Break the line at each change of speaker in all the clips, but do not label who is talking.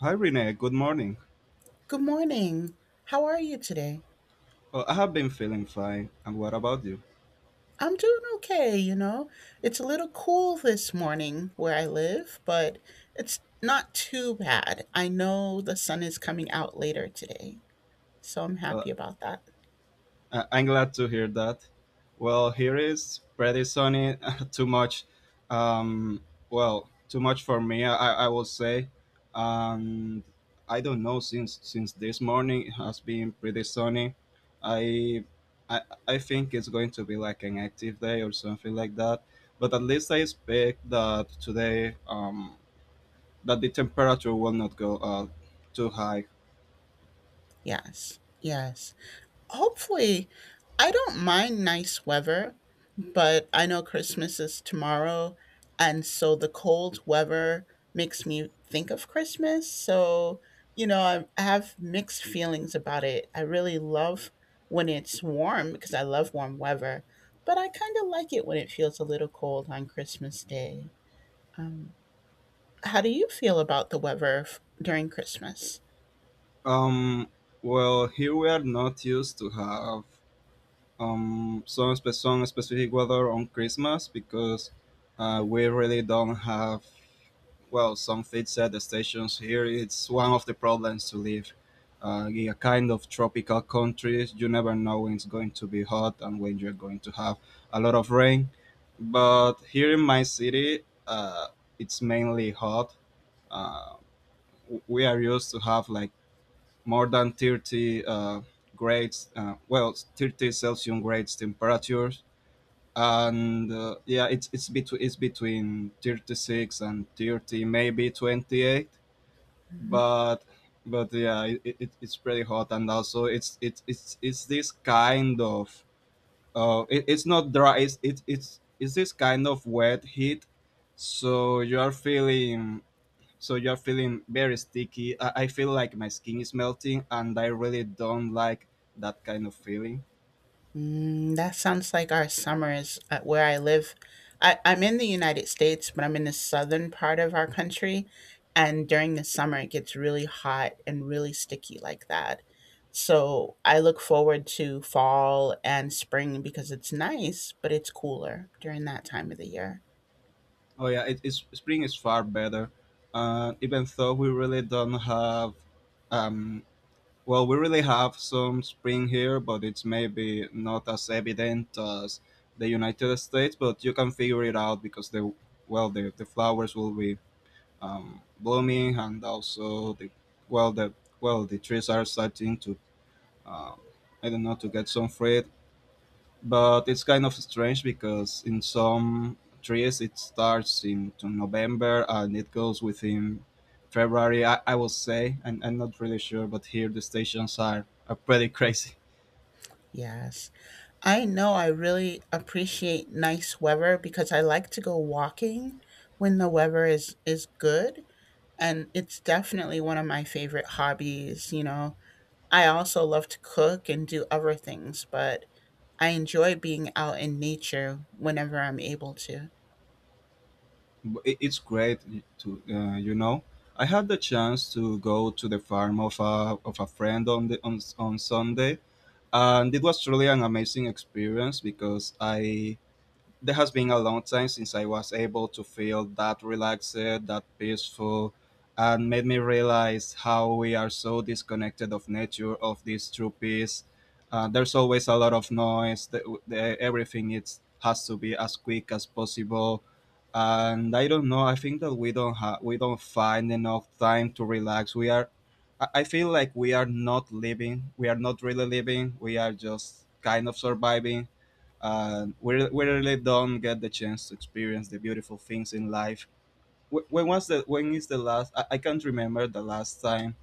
Hi Renee, good morning.
Good morning. How are you today?
Well, I have been feeling fine, and what about you?
I'm doing okay. It's a little cool this morning where I live, but it's not too bad. I know the sun is coming out later today, so I'm
Uh,
happy about that.
I'm glad to hear that. Well, here is pretty sunny, too much. Um, well, too much for me, I will say. And I don't know since this morning it has been pretty sunny. I I, I think it's going to be like an active day or something like that. But at least I expect that today that the temperature will not go too high.
Yes, yes. Hopefully, I don't mind nice weather, but I know Christmas is tomorrow. And so the cold weather makes me think of Christmas. So, I have mixed feelings about it. I really love when it's warm because I love warm weather, but I kind of like it when it feels a little cold on Christmas Day. Um, how do you feel about the weather during Christmas?
Um, well, here we are not used to have some specific weather on Christmas because we really don't have, well, some fixed set stations here. It's one of the problems to live in a kind of tropical country. You never know when it's going to be hot and when you're going to have a lot of rain. But here in my city, uh, it's mainly hot. Uh, we are used to have like more than 30 grades, well, 30 Celsius grades temperatures. And yeah, it's between 36 and 30, maybe 28. But but yeah, it's pretty hot, and also it's this kind of it's not dry. It's it, It's this kind of wet heat, so you're feeling very sticky. I feel like my skin is melting, and I really don't like that kind of feeling.
That sounds like our summers at where I live. I'm in the United States, but I'm in the southern part of our country. And during the summer, it gets really hot and really sticky like that. So I look forward to fall and spring because it's nice, but it's cooler during that time of the year.
Oh yeah, it's spring is far better. Even though we really don't have, um, well, we really have some spring here, but it's maybe not as evident as the United States. But you can figure it out because the flowers will be blooming, and also well, the the trees are starting to um, I don't know to get some fruit. But it's kind of strange because in some trees it starts in to November and it goes within February. I will say, and I'm not really sure, but here the stations are pretty crazy.
Yes. I know I really appreciate nice weather because I like to go walking when the weather is good, and it's definitely one of my favorite hobbies. I also love to cook and do other things, but I enjoy being out in nature whenever I'm able to.
It's great to you know, I had the chance to go to the farm of a friend on the on Sunday, and it was truly an amazing experience because I there has been a long time since I was able to feel that relaxed, that peaceful, and made me realize how we are so disconnected of nature, of this true peace. There's always a lot of noise. Everything has to be as quick as possible, and I don't know. I think that we don't find enough time to relax. I I feel like we are not living. We are not really living. We are just kind of surviving and we really don't get the chance to experience the beautiful things in life. When is the last? I can't remember the last time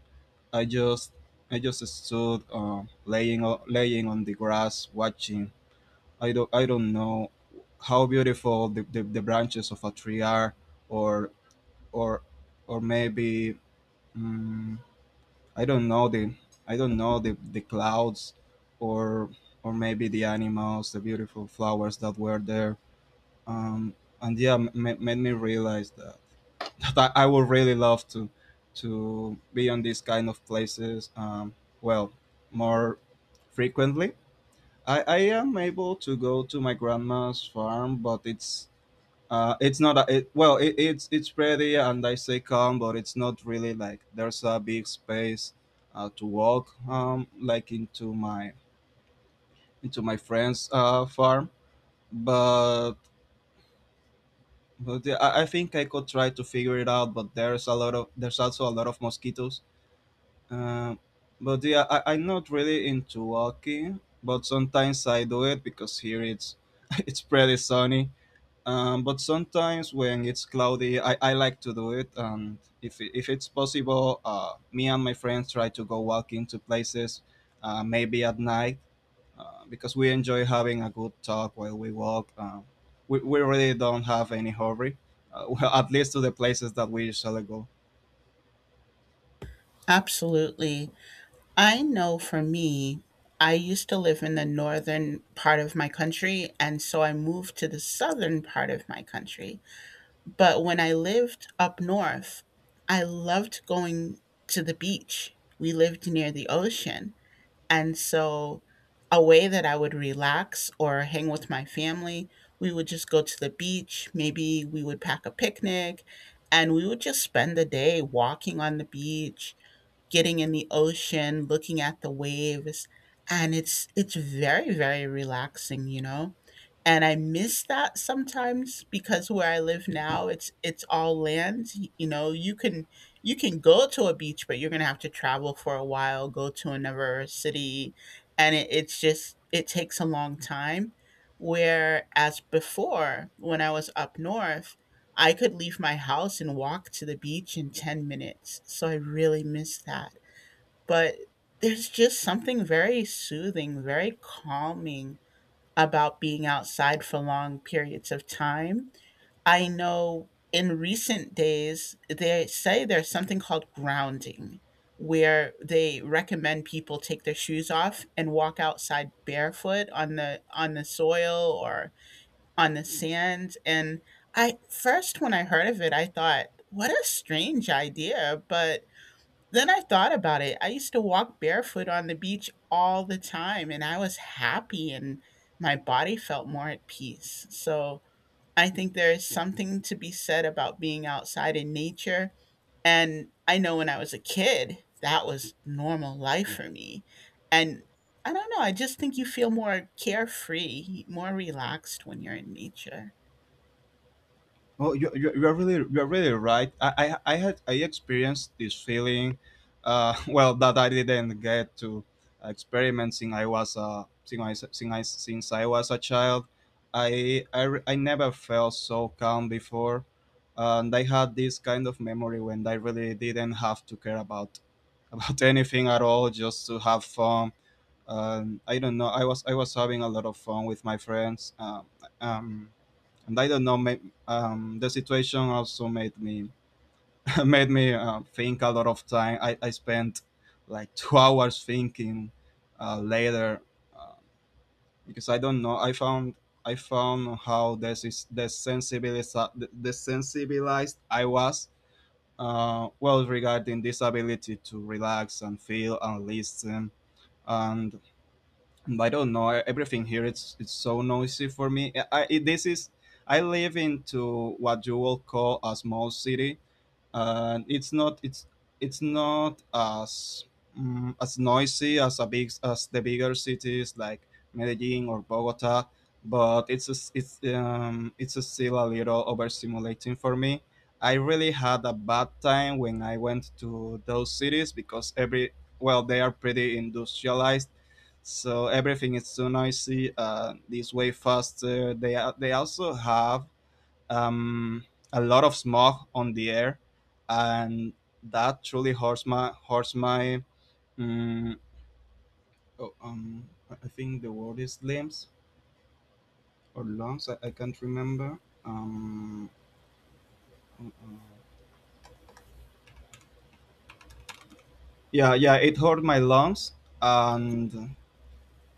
I just I just stood laying on the grass watching. I don't know how beautiful the branches of a tree are, or or or maybe mm I don't know the clouds, or or maybe the animals, the beautiful flowers that were there, um, and made me realize that I would really love to be on these kind of places. Well, more frequently. I am able to go to my grandma's farm, but it's not a, well, it's pretty, and I say calm, but it's not really like there's a big space to walk like into my friend's farm. But But yeah, I think I could try to figure it out, but there's also a lot of mosquitoes. Um, but yeah, I'm not really into walking, but sometimes I do it because here it's it's pretty sunny. But sometimes when it's cloudy, I like to do it, and if it's possible, me and my friends try to go walking to places, maybe at night because we enjoy having a good talk while we walk. We really don't have any hurry, well, at least to the places that we usually go.
Absolutely. I know for me, I used to live in the northern part of my country, and so I moved to the southern part of my country. But when I lived up north, I loved going to the beach. We lived near the ocean. And so, a way that I would relax or hang with my family, we would just go to the beach. Maybe we would pack a picnic and we would just spend the day walking on the beach, getting in the ocean, looking at the waves, and it's very, very relaxing, you know? And I miss that sometimes because where I live now, it's all land. You can go to a beach, but you're gonna have to travel for a while, go to another city, and it's just it takes a long time. Whereas before, when I was up north, I could leave my house and walk to the beach in 10 minutes. So I really miss that, but there's just something very soothing, very calming about being outside for long periods of time. I know in recent days, they say there's something called grounding, where they recommend people take their shoes off and walk outside barefoot on the soil or on the sand. And I first when I heard of it, I thought, what a strange idea, but then I thought about it. I used to walk barefoot on the beach all the time, and I was happy and my body felt more at peace. So I think there is something to be said about being outside in nature. And I know when I was a kid, that was normal life for me. And I don't know, I just think you feel more carefree, more relaxed when you're in nature.
Oh, you're really right. I had I experienced this feeling, well, that I didn't get to experiment since I was a child. I never felt so calm before, and I had this kind of memory when I really didn't have to care about anything at all just to have fun. I don't know. I was having a lot of fun with my friends. Um, and I don't know. May- the situation also made me made me think a lot of time. I spent like two hours thinking later uh, because I don't know. I found how this is desensibilized I was, well regarding this ability to relax and feel and listen and I don't know everything here. It's so noisy for me. I this is I live into what you will call a small city, and it's not as as noisy as a big as the bigger cities like Medellin or Bogota, but it's a still a little overstimulating for me. I really had a bad time when I went to those cities because every well they are pretty industrialized, so everything is so noisy, this way faster. They also have um, a lot of smog on the air, and that truly hurts my mm, oh, I think the word is limbs or lungs. I can't remember. Um, uh, uh, yeah, it hurt my lungs, and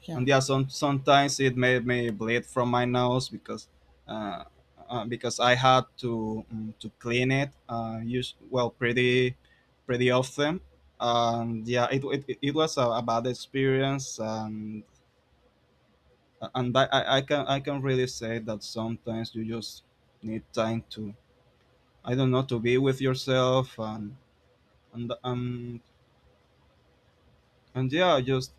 Yeah,
and yeah, sometimes it made me bleed from my nose uh, because I had to clean it use well pretty pretty often. And yeah, it was a bad experience, and I can really say that sometimes you just need time to I don't know to be with yourself and um and yeah just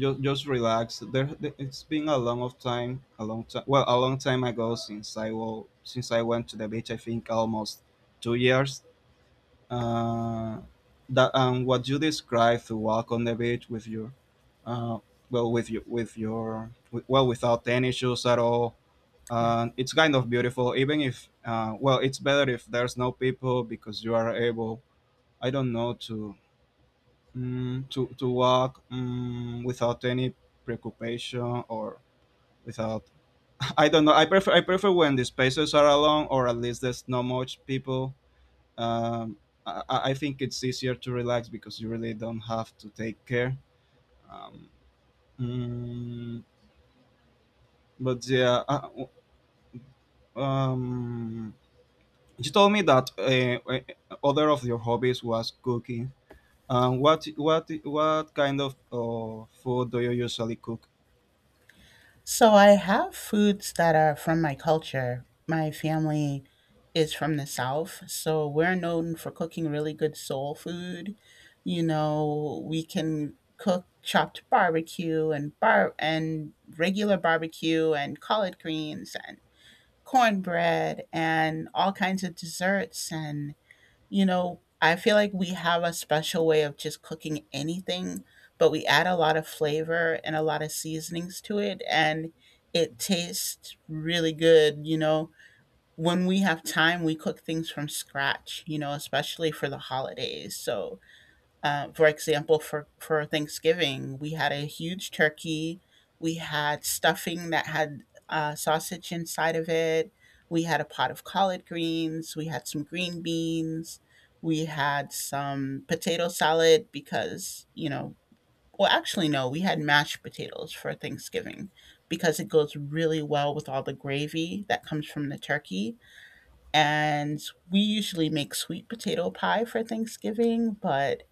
just relax. It's been a long time. Well, a long time ago since since I went to the beach. I think almost 2 years. Uh, that and what you described to walk on the beach with your, uh, well, with you, with your, with, well, without any shoes at all.
yeah.
It's kind of beautiful, even if, well, it's better if there's no people because you are able, I don't know, to to walk, without any preoccupation or without I don't know. I prefer when the spaces are alone or at least there's not much people. Um, I think it's easier to relax because you really don't have to take care. Um, mm, but yeah, um, you told me that other of your hobbies was cooking. What kind of food do you usually cook?
So I have foods that are from my culture. My family is from the South, so we're known for cooking really good soul food. You know, we can cook chopped barbecue and bar and regular barbecue and collard greens and cornbread and all kinds of desserts, and you know, I feel like we have a special way of just cooking anything, but we add a lot of flavor and a lot of seasonings to it, and it tastes really good. You know, when we have time, we cook things from scratch, you know, especially for the holidays. So, for example, for Thanksgiving, we had a huge turkey. We had stuffing that had sausage inside of it. We had a pot of collard greens. We had some green beans. We had some potato salad because, you know, well, actually, no, we had mashed potatoes for Thanksgiving because it goes really well with all the gravy that comes from the turkey. And we usually make sweet potato pie for Thanksgiving, but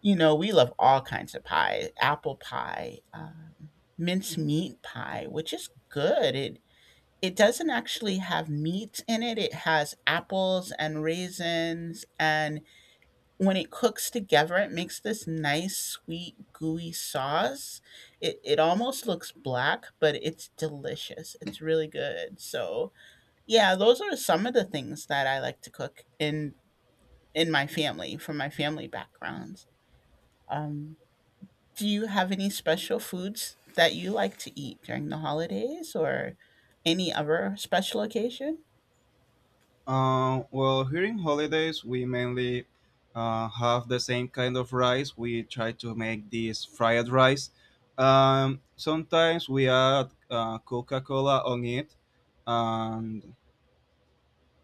you know, we love all kinds of pie, apple pie, mincemeat pie, which is good. It doesn't actually have meat in it. It has apples and raisins, and when it cooks together, it makes this nice, sweet, gooey sauce. It almost looks black, but it's delicious. It's really good. So yeah, those are some of the things that I like to cook in my family, from my family backgrounds. Um, do you have any special foods that you like to eat during the holidays or any other special occasion?
Well, here in holidays, we mainly have the same kind of rice. We try to make this fried rice. Sometimes we add Coca Cola on it, and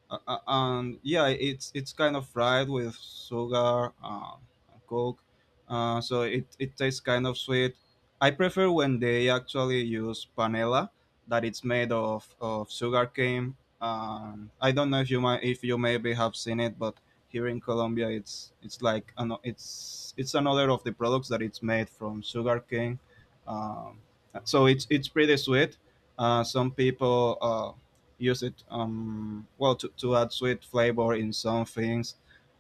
and yeah, it's kind of fried with sugar, and coke, so it tastes kind of sweet. I prefer when they actually use panela, that it's made of sugar cane. I don't know if you might if you maybe have seen it, but here in Colombia, it's like an, it's another of the products that it's made from sugar cane. Um, so it's pretty sweet. Some people use it well to add sweet flavor in some things,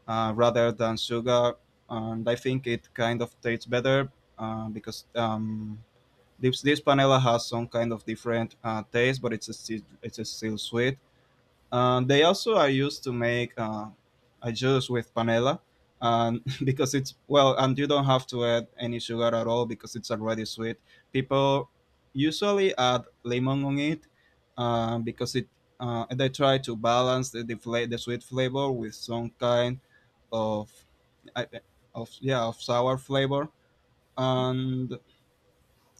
rather than sugar, and I think it kind of tastes better because this panela has some kind of different taste but it's a still sweet. They also are used to make a juice with panela, and because and you don't have to add any sugar at all because it's already sweet. People usually add lemon on it because it they try to balance the sweet flavor with some kind of I- of yeah, of sour flavor. And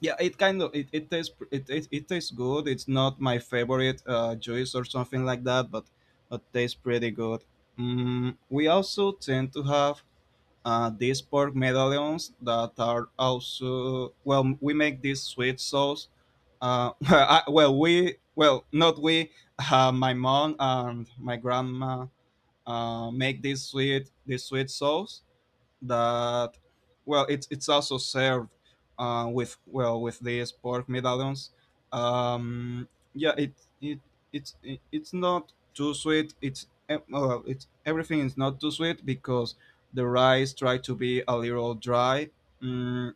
yeah, it kind of, it tastes good. It's not my favorite juice or something like that, but it tastes pretty good. We also tend to have these pork medallions that are also, well, we make this sweet sauce, I, well we well not we my mom and my grandma make this sweet sauce that, well, it's also served, with these pork medallions. um, yeah, it it's not too sweet. It's em- uh, it's everything is not too sweet because the rice try to be a little dry. mm,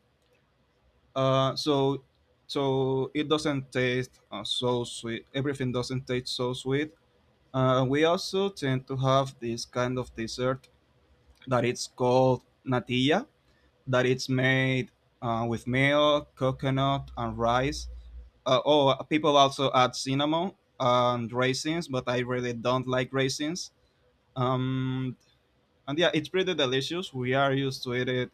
uh, so so it doesn't taste, so sweet. Everything doesn't taste so sweet. We also tend to have this kind of dessert that it's called natilla, that it's made with milk, coconut, and rice. Oh, people also add cinnamon and raisins, but I really don't like raisins. Um, and yeah, it's pretty delicious. We are used to eat it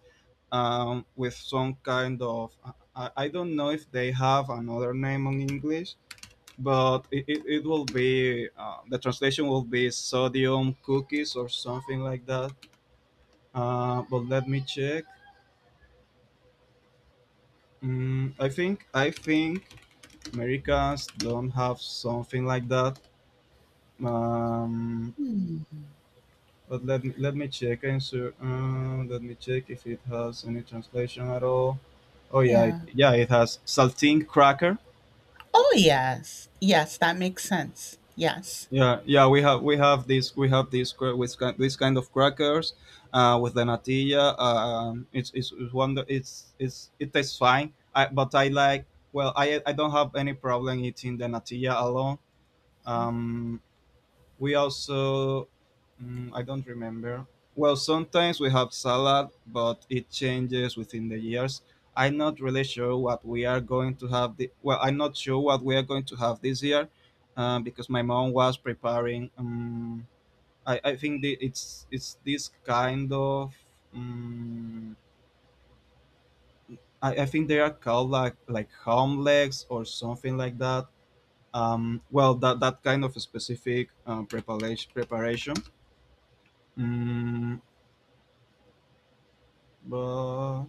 with some kind of... I don't know if they have another name in English, but it will be, the translation will be sodium cookies or something like that. But let me check. I think Americans don't have something like that. Um,
Hmm,
but let me check and let me check if it has any translation at all. Oh yeah, it,
yeah.
yeah, it has saltine cracker.
Oh, yes. Yes, that makes sense. Yes.
Yeah, yeah, we have this kind of crackers with the natilla. It's wonder it's it tastes fine. But I like, well, I don't have any problem eating the natilla alone. Um, We also, I don't remember. Well, sometimes we have salad, but it changes within the years. I'm not really sure what we are going to have. Well, I'm not sure what we are going to have this year, because my mom was preparing. I think it's this kind of. Um, I think they are called like, legs or something like that. Well, that kind of specific, preparation. Mm, but,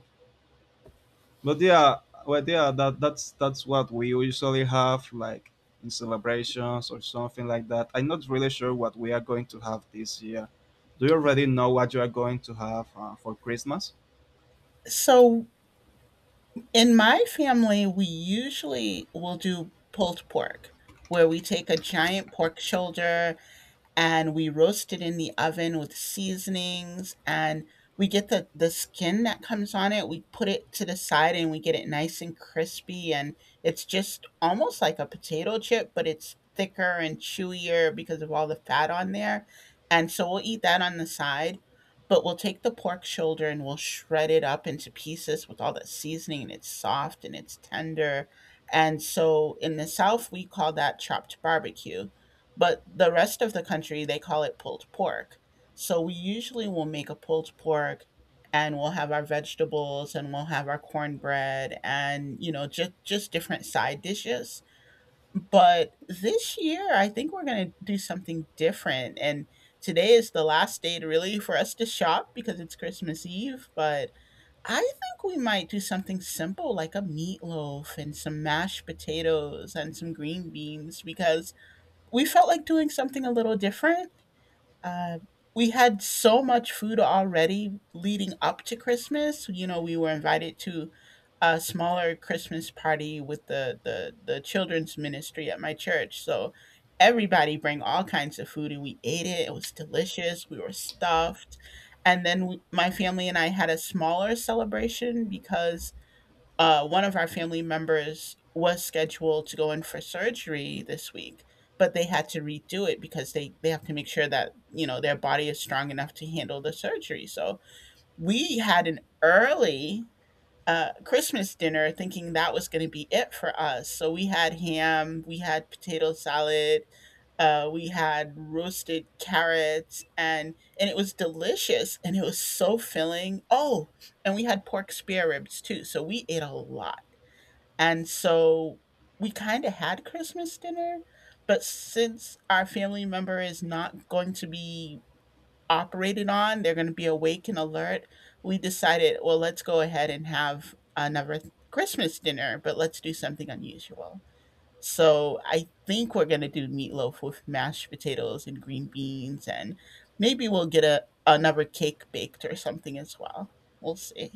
yeah, well, yeah, that's what we usually have, like, in celebrations or something like that. I'm not really sure what we are going to have this year. Do you already
Yeah.
know what you are going to have for Christmas?
So in my family, we usually will do pulled pork, where we take a giant pork shoulder and we roast it in the oven with seasonings, and we get the skin that comes on it. We put it to the side and we get it nice and crispy, and it's just almost like a potato chip, but it's thicker and chewier because of all the fat on there. And so we'll eat that on the side, but we'll take the pork shoulder and we'll shred it up into pieces with all the seasoning, and it's soft and it's tender. And so in the South we call that chopped barbecue, but the rest of the country, they call it pulled pork. So we usually will make a pulled pork, and we'll have our vegetables and we'll have our cornbread, and you know, just different side dishes, but this year I think we're going to do something different. And today is the last day to really for us to shop because it's Christmas Eve, but I think we might do something simple like a meatloaf and some mashed potatoes and some green beans because we felt like doing something a little different. Uh, we had so much food already leading up to Christmas. You know, we were invited to a smaller Christmas party with the children's ministry at my church. So everybody bring all kinds of food, and we ate it. It was delicious. We were stuffed, and then we, my family and I had a smaller celebration because one of our family members was scheduled to go in for surgery this week, but they had to redo it because they have to make sure that, you know, their body is strong enough to handle the surgery. So we had an early Christmas dinner thinking that was going to be it for us. So we had ham, we had potato salad, we had roasted carrots, and it was delicious and it was so filling. Oh, and we had pork spare ribs too. So we ate a lot. And so we kind of had Christmas dinner, but since our family member is not going to be operated on, they're going to be awake and alert, we decided, well, let's go ahead and have another Christmas dinner, but let's do something unusual. So I think we're going to do meatloaf with mashed potatoes and green beans, and maybe we'll get another cake baked or something as well. We'll see.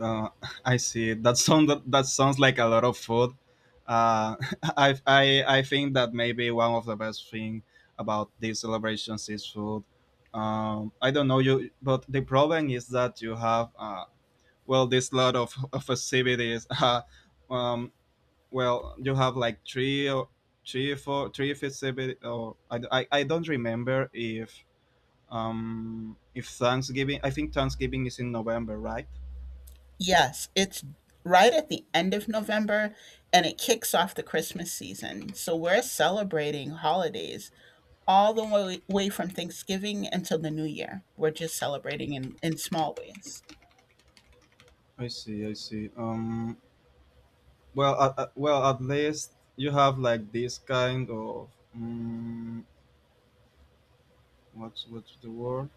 uh, I see, sounds like a lot of food. uh, I think that maybe one of the best thing about these celebrations is food. I don't know you, but the problem is that you have, well, this lot of facilities. Um, well, you have like three or three or four three facilities, or I don't remember if... if Thanksgiving... I think Thanksgiving is in November, right?
Yes, it's right at the end of November, and it kicks off the Christmas season. So we're celebrating holidays all the way, way from Thanksgiving until the New Year. We're just celebrating in small ways.
I see, I see. Well, at least you have like this kind of, um, what's, the word?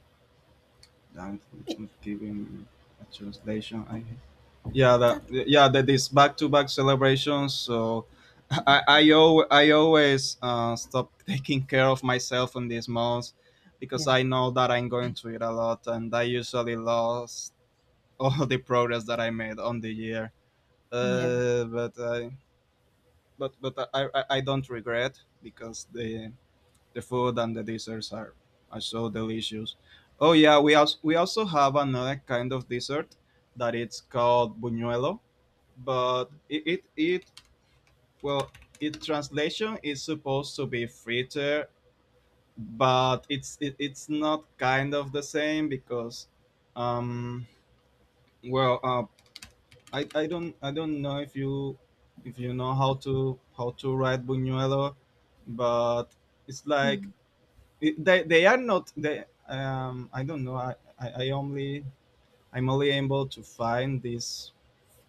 Damn,
Yeah,
it's not giving a translation. i yeah that
that-
yeah that these back-to-back celebrations, so
yeah,
I always stop, taking care of myself in these months, because
yeah.
I know that I'm going to eat a lot and I usually lost all the progress that I made on the year.
Yeah.
uh, but i but I don't regret, because the food and the desserts are so delicious. Oh yeah, we also have another kind of dessert that it's called buñuelo. But it well, it translation is supposed to be fritter. But it's not kind of the same, because, um well, I don't know if you know how to write buñuelo. But it's like...
Mhm.
they are not they, I don't know, I only... I'm only able to find this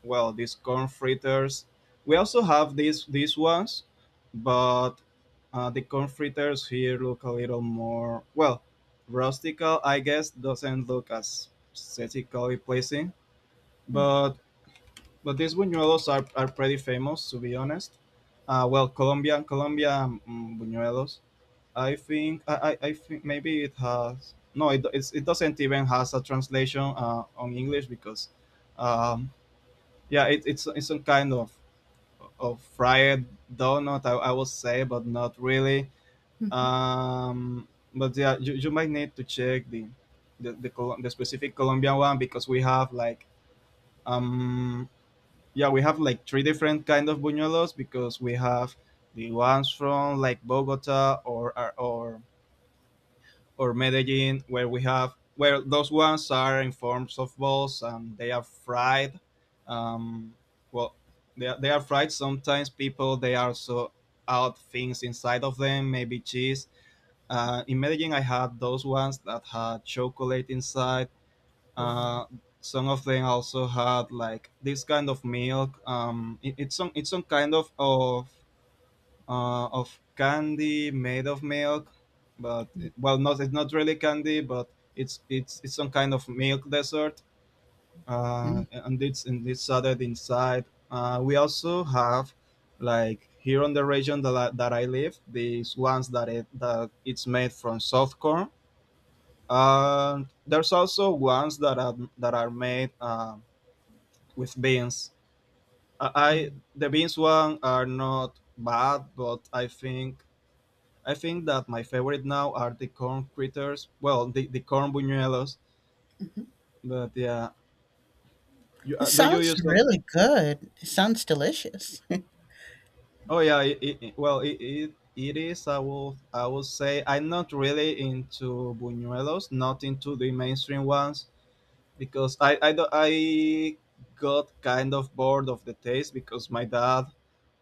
well, these corn fritters. We also have these ones, but, the corn fritters here look a little more, well, rustical, I guess. Doesn't look as aesthetically pleasing,
Mhm.
but these buñuelos are, pretty famous, to be honest. Well, Colombian buñuelos. I think maybe it has no it doesn't even has a translation on English, because, um, yeah, it's some kind of fried donut, I will say, but not really. Um, but yeah, you might need to check the specific Colombian one, because we have like, um yeah, we have like three different kind of buñuelos, because we have the ones from like Bogota, or or Medellin, where we have... where those ones are in forms of balls and they are fried. Um, well, they are fried. Sometimes people they also add things inside of them, maybe cheese. In Medellin, I had those ones that had chocolate inside.
Oh,
Uh, some of them also had like this kind of milk. It's some kind of candy made of milk, but well, not, it's not really candy, but it's some kind of milk dessert, and it's added inside. We also have, like, here on the region that I live, these ones that it's made from soft corn. And there's also ones that are made with beans. I
mhm.
The beans one are not bad, but I think that my favorite now are the corn critters. Well, the corn buñuelos. But yeah,
It
do you
sounds
use?
really good. It sounds delicious.
Oh yeah. It is. I will, say I'm not really into buñuelos. Not into the mainstream ones, because I got kind of bored of the taste, because my dad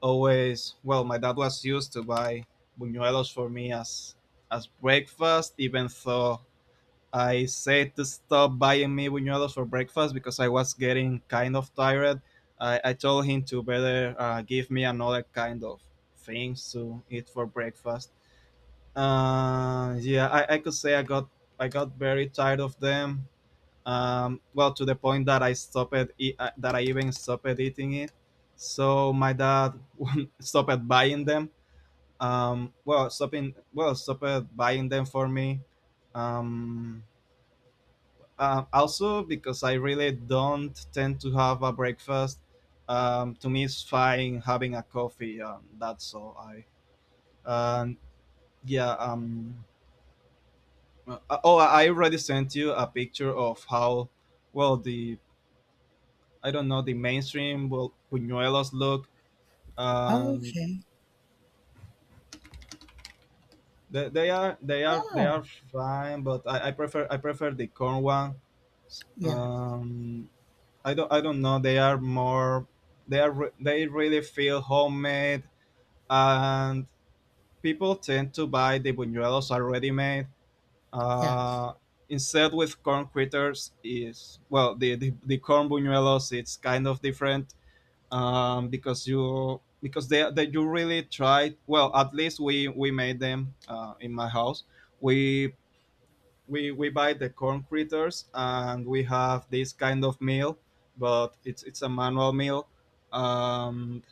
always well, my dad was used to buy buñuelos for me as, breakfast, even though I said to stop buying me buñuelos for breakfast, because I was getting kind of tired. I told him to better give me another kind of things to eat for breakfast. Yeah, I could say I got, very tired of them. Well, to the point that that I even stopped eating it. So my dad stopped buying them. Well, stopping, stopped buying them for me. Um, Also, because I really don't tend to have a breakfast, to me it's fine having a coffee. That's all. I and yeah. Uh, oh, I already sent you a picture of how... well, the... I don't know, the mainstream buñuelos look. And
Okay.
they
Oh,
are fine, but I prefer the corn one.
yes,
Um, I don't know. They are more... they really feel homemade, and people tend to buy the buñuelos already made.
yes.
Uh, Instead, with corn critters is, well, the corn buñuelos, it's kind of different, because you because they that you really try, well, at least we made them in my house. we we buy the corn critters, and we have this kind of meal, but it's a manual meal. um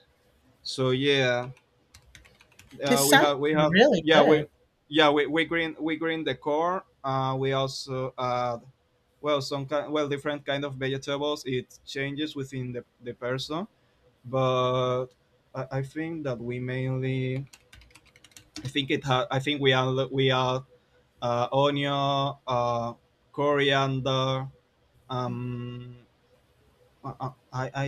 so yeah.
It sounds
We have
really
yeah we
good.
Yeah, we green the corn, we also add, well, some kind... well, different kind of vegetables. It changes within the person, but I think that we mainly, I think it ha- I think we are... onion, coriander. Um, I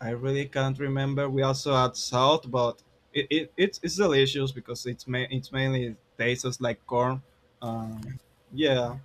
really can't remember. We also add salt, but it's delicious, because it's mainly tastes like corn. Um, yeah.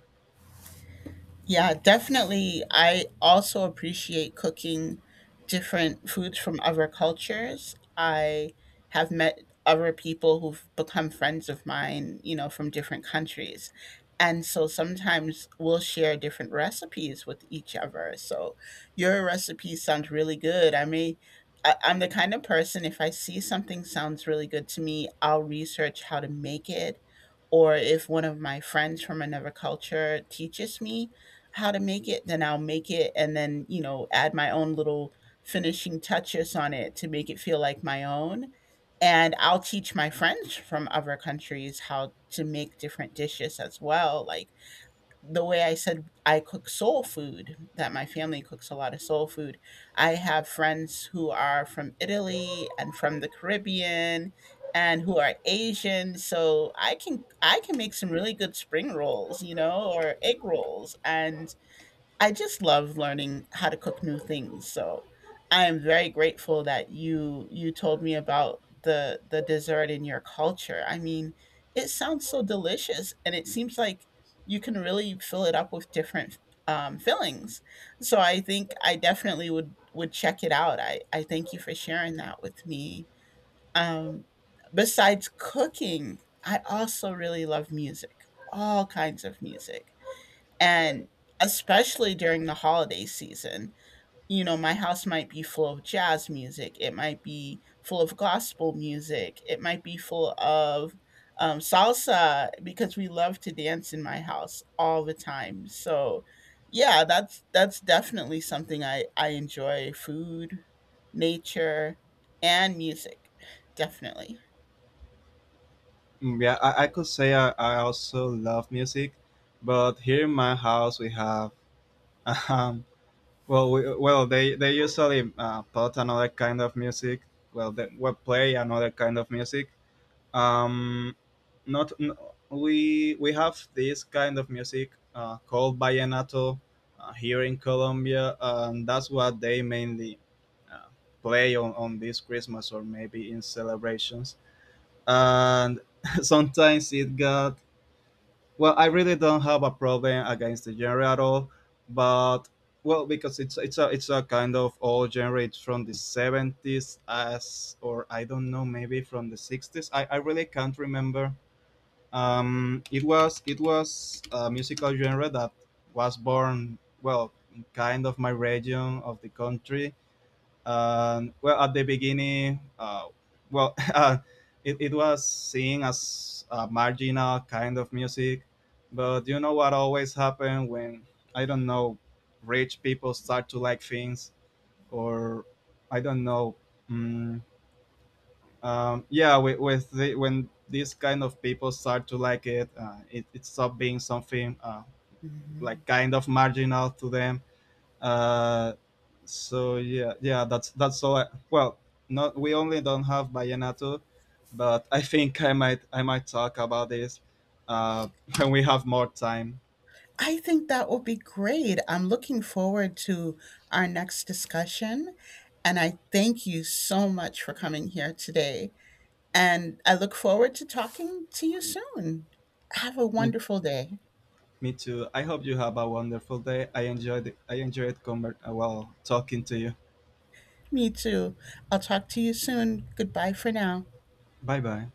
Yeah, definitely. I also appreciate cooking different foods from other cultures. I have met other people who've become friends of mine, you know, from different countries. And so sometimes we'll share different recipes with each other. So your recipe sounds really good. I'm the kind of person, if I see something sounds really good to me, I'll research how to make it. Or if one of my friends from another culture teaches me how to make it, then I'll make it and then, you know, add my own little finishing touches on it to make it feel like my own. And I'll teach my friends from other countries how to make different dishes as well. Like the way I said I cook soul food, that my family cooks a lot of soul food. I have friends who are from Italy and from the Caribbean and who are Asian, so I can make some really good spring rolls, you know, or egg rolls, and I just love learning how to cook new things, so I am very grateful that you told me about the dessert in your culture. I mean, it sounds so delicious, and it seems like you can really fill it up with different fillings. So I think I definitely would check it out. I thank you for sharing that with me. Um, Besides cooking, I also really love music, all kinds of music. And especially during the holiday season, you know, my house might be full of jazz music, it might be full of gospel music, it might be full of salsa because we love to dance in my house all the time. So, yeah, that's definitely something I enjoy: food, nature, and music, definitely.
Yeah. I could say I also love music, but here in my house we have, um well, they usually put another kind of music. Well, they will play another kind of music. um not n- We have this kind of music, called vallenato, here in Colombia, and that's what they mainly uh, play on this Christmas or maybe in celebrations. And sometimes it got, well... I really don't have a problem against the genre at all, but, well, because it's a kind of old genre. It's from the 70s, as or, I don't know, maybe from the 60s. I really can't remember. It was... a musical genre that was born, well, in kind of my region of the country. Well, at the beginning, well, it was seen as a marginal kind of music, but you know what always happens when, I don't know, rich people start to like things, or I don't know. mm yeah, when these kind of people start to like it, it stops being something,
Mhm.
like, kind of marginal to them, uh, so yeah, yeah, that's all. Well, not, we only don't have vallenato, but I think I might, talk about this uh, when we have more time.
I think that will be great. I'm looking forward to our next discussion. And I thank you so much for coming here today. And I look forward to talking to you soon. Have a
Me,
wonderful day.
me too. I hope you have a wonderful day. I enjoyed it. I enjoyed well, talking to you.
Me too. I'll talk to you soon. Goodbye for now.
Bye bye.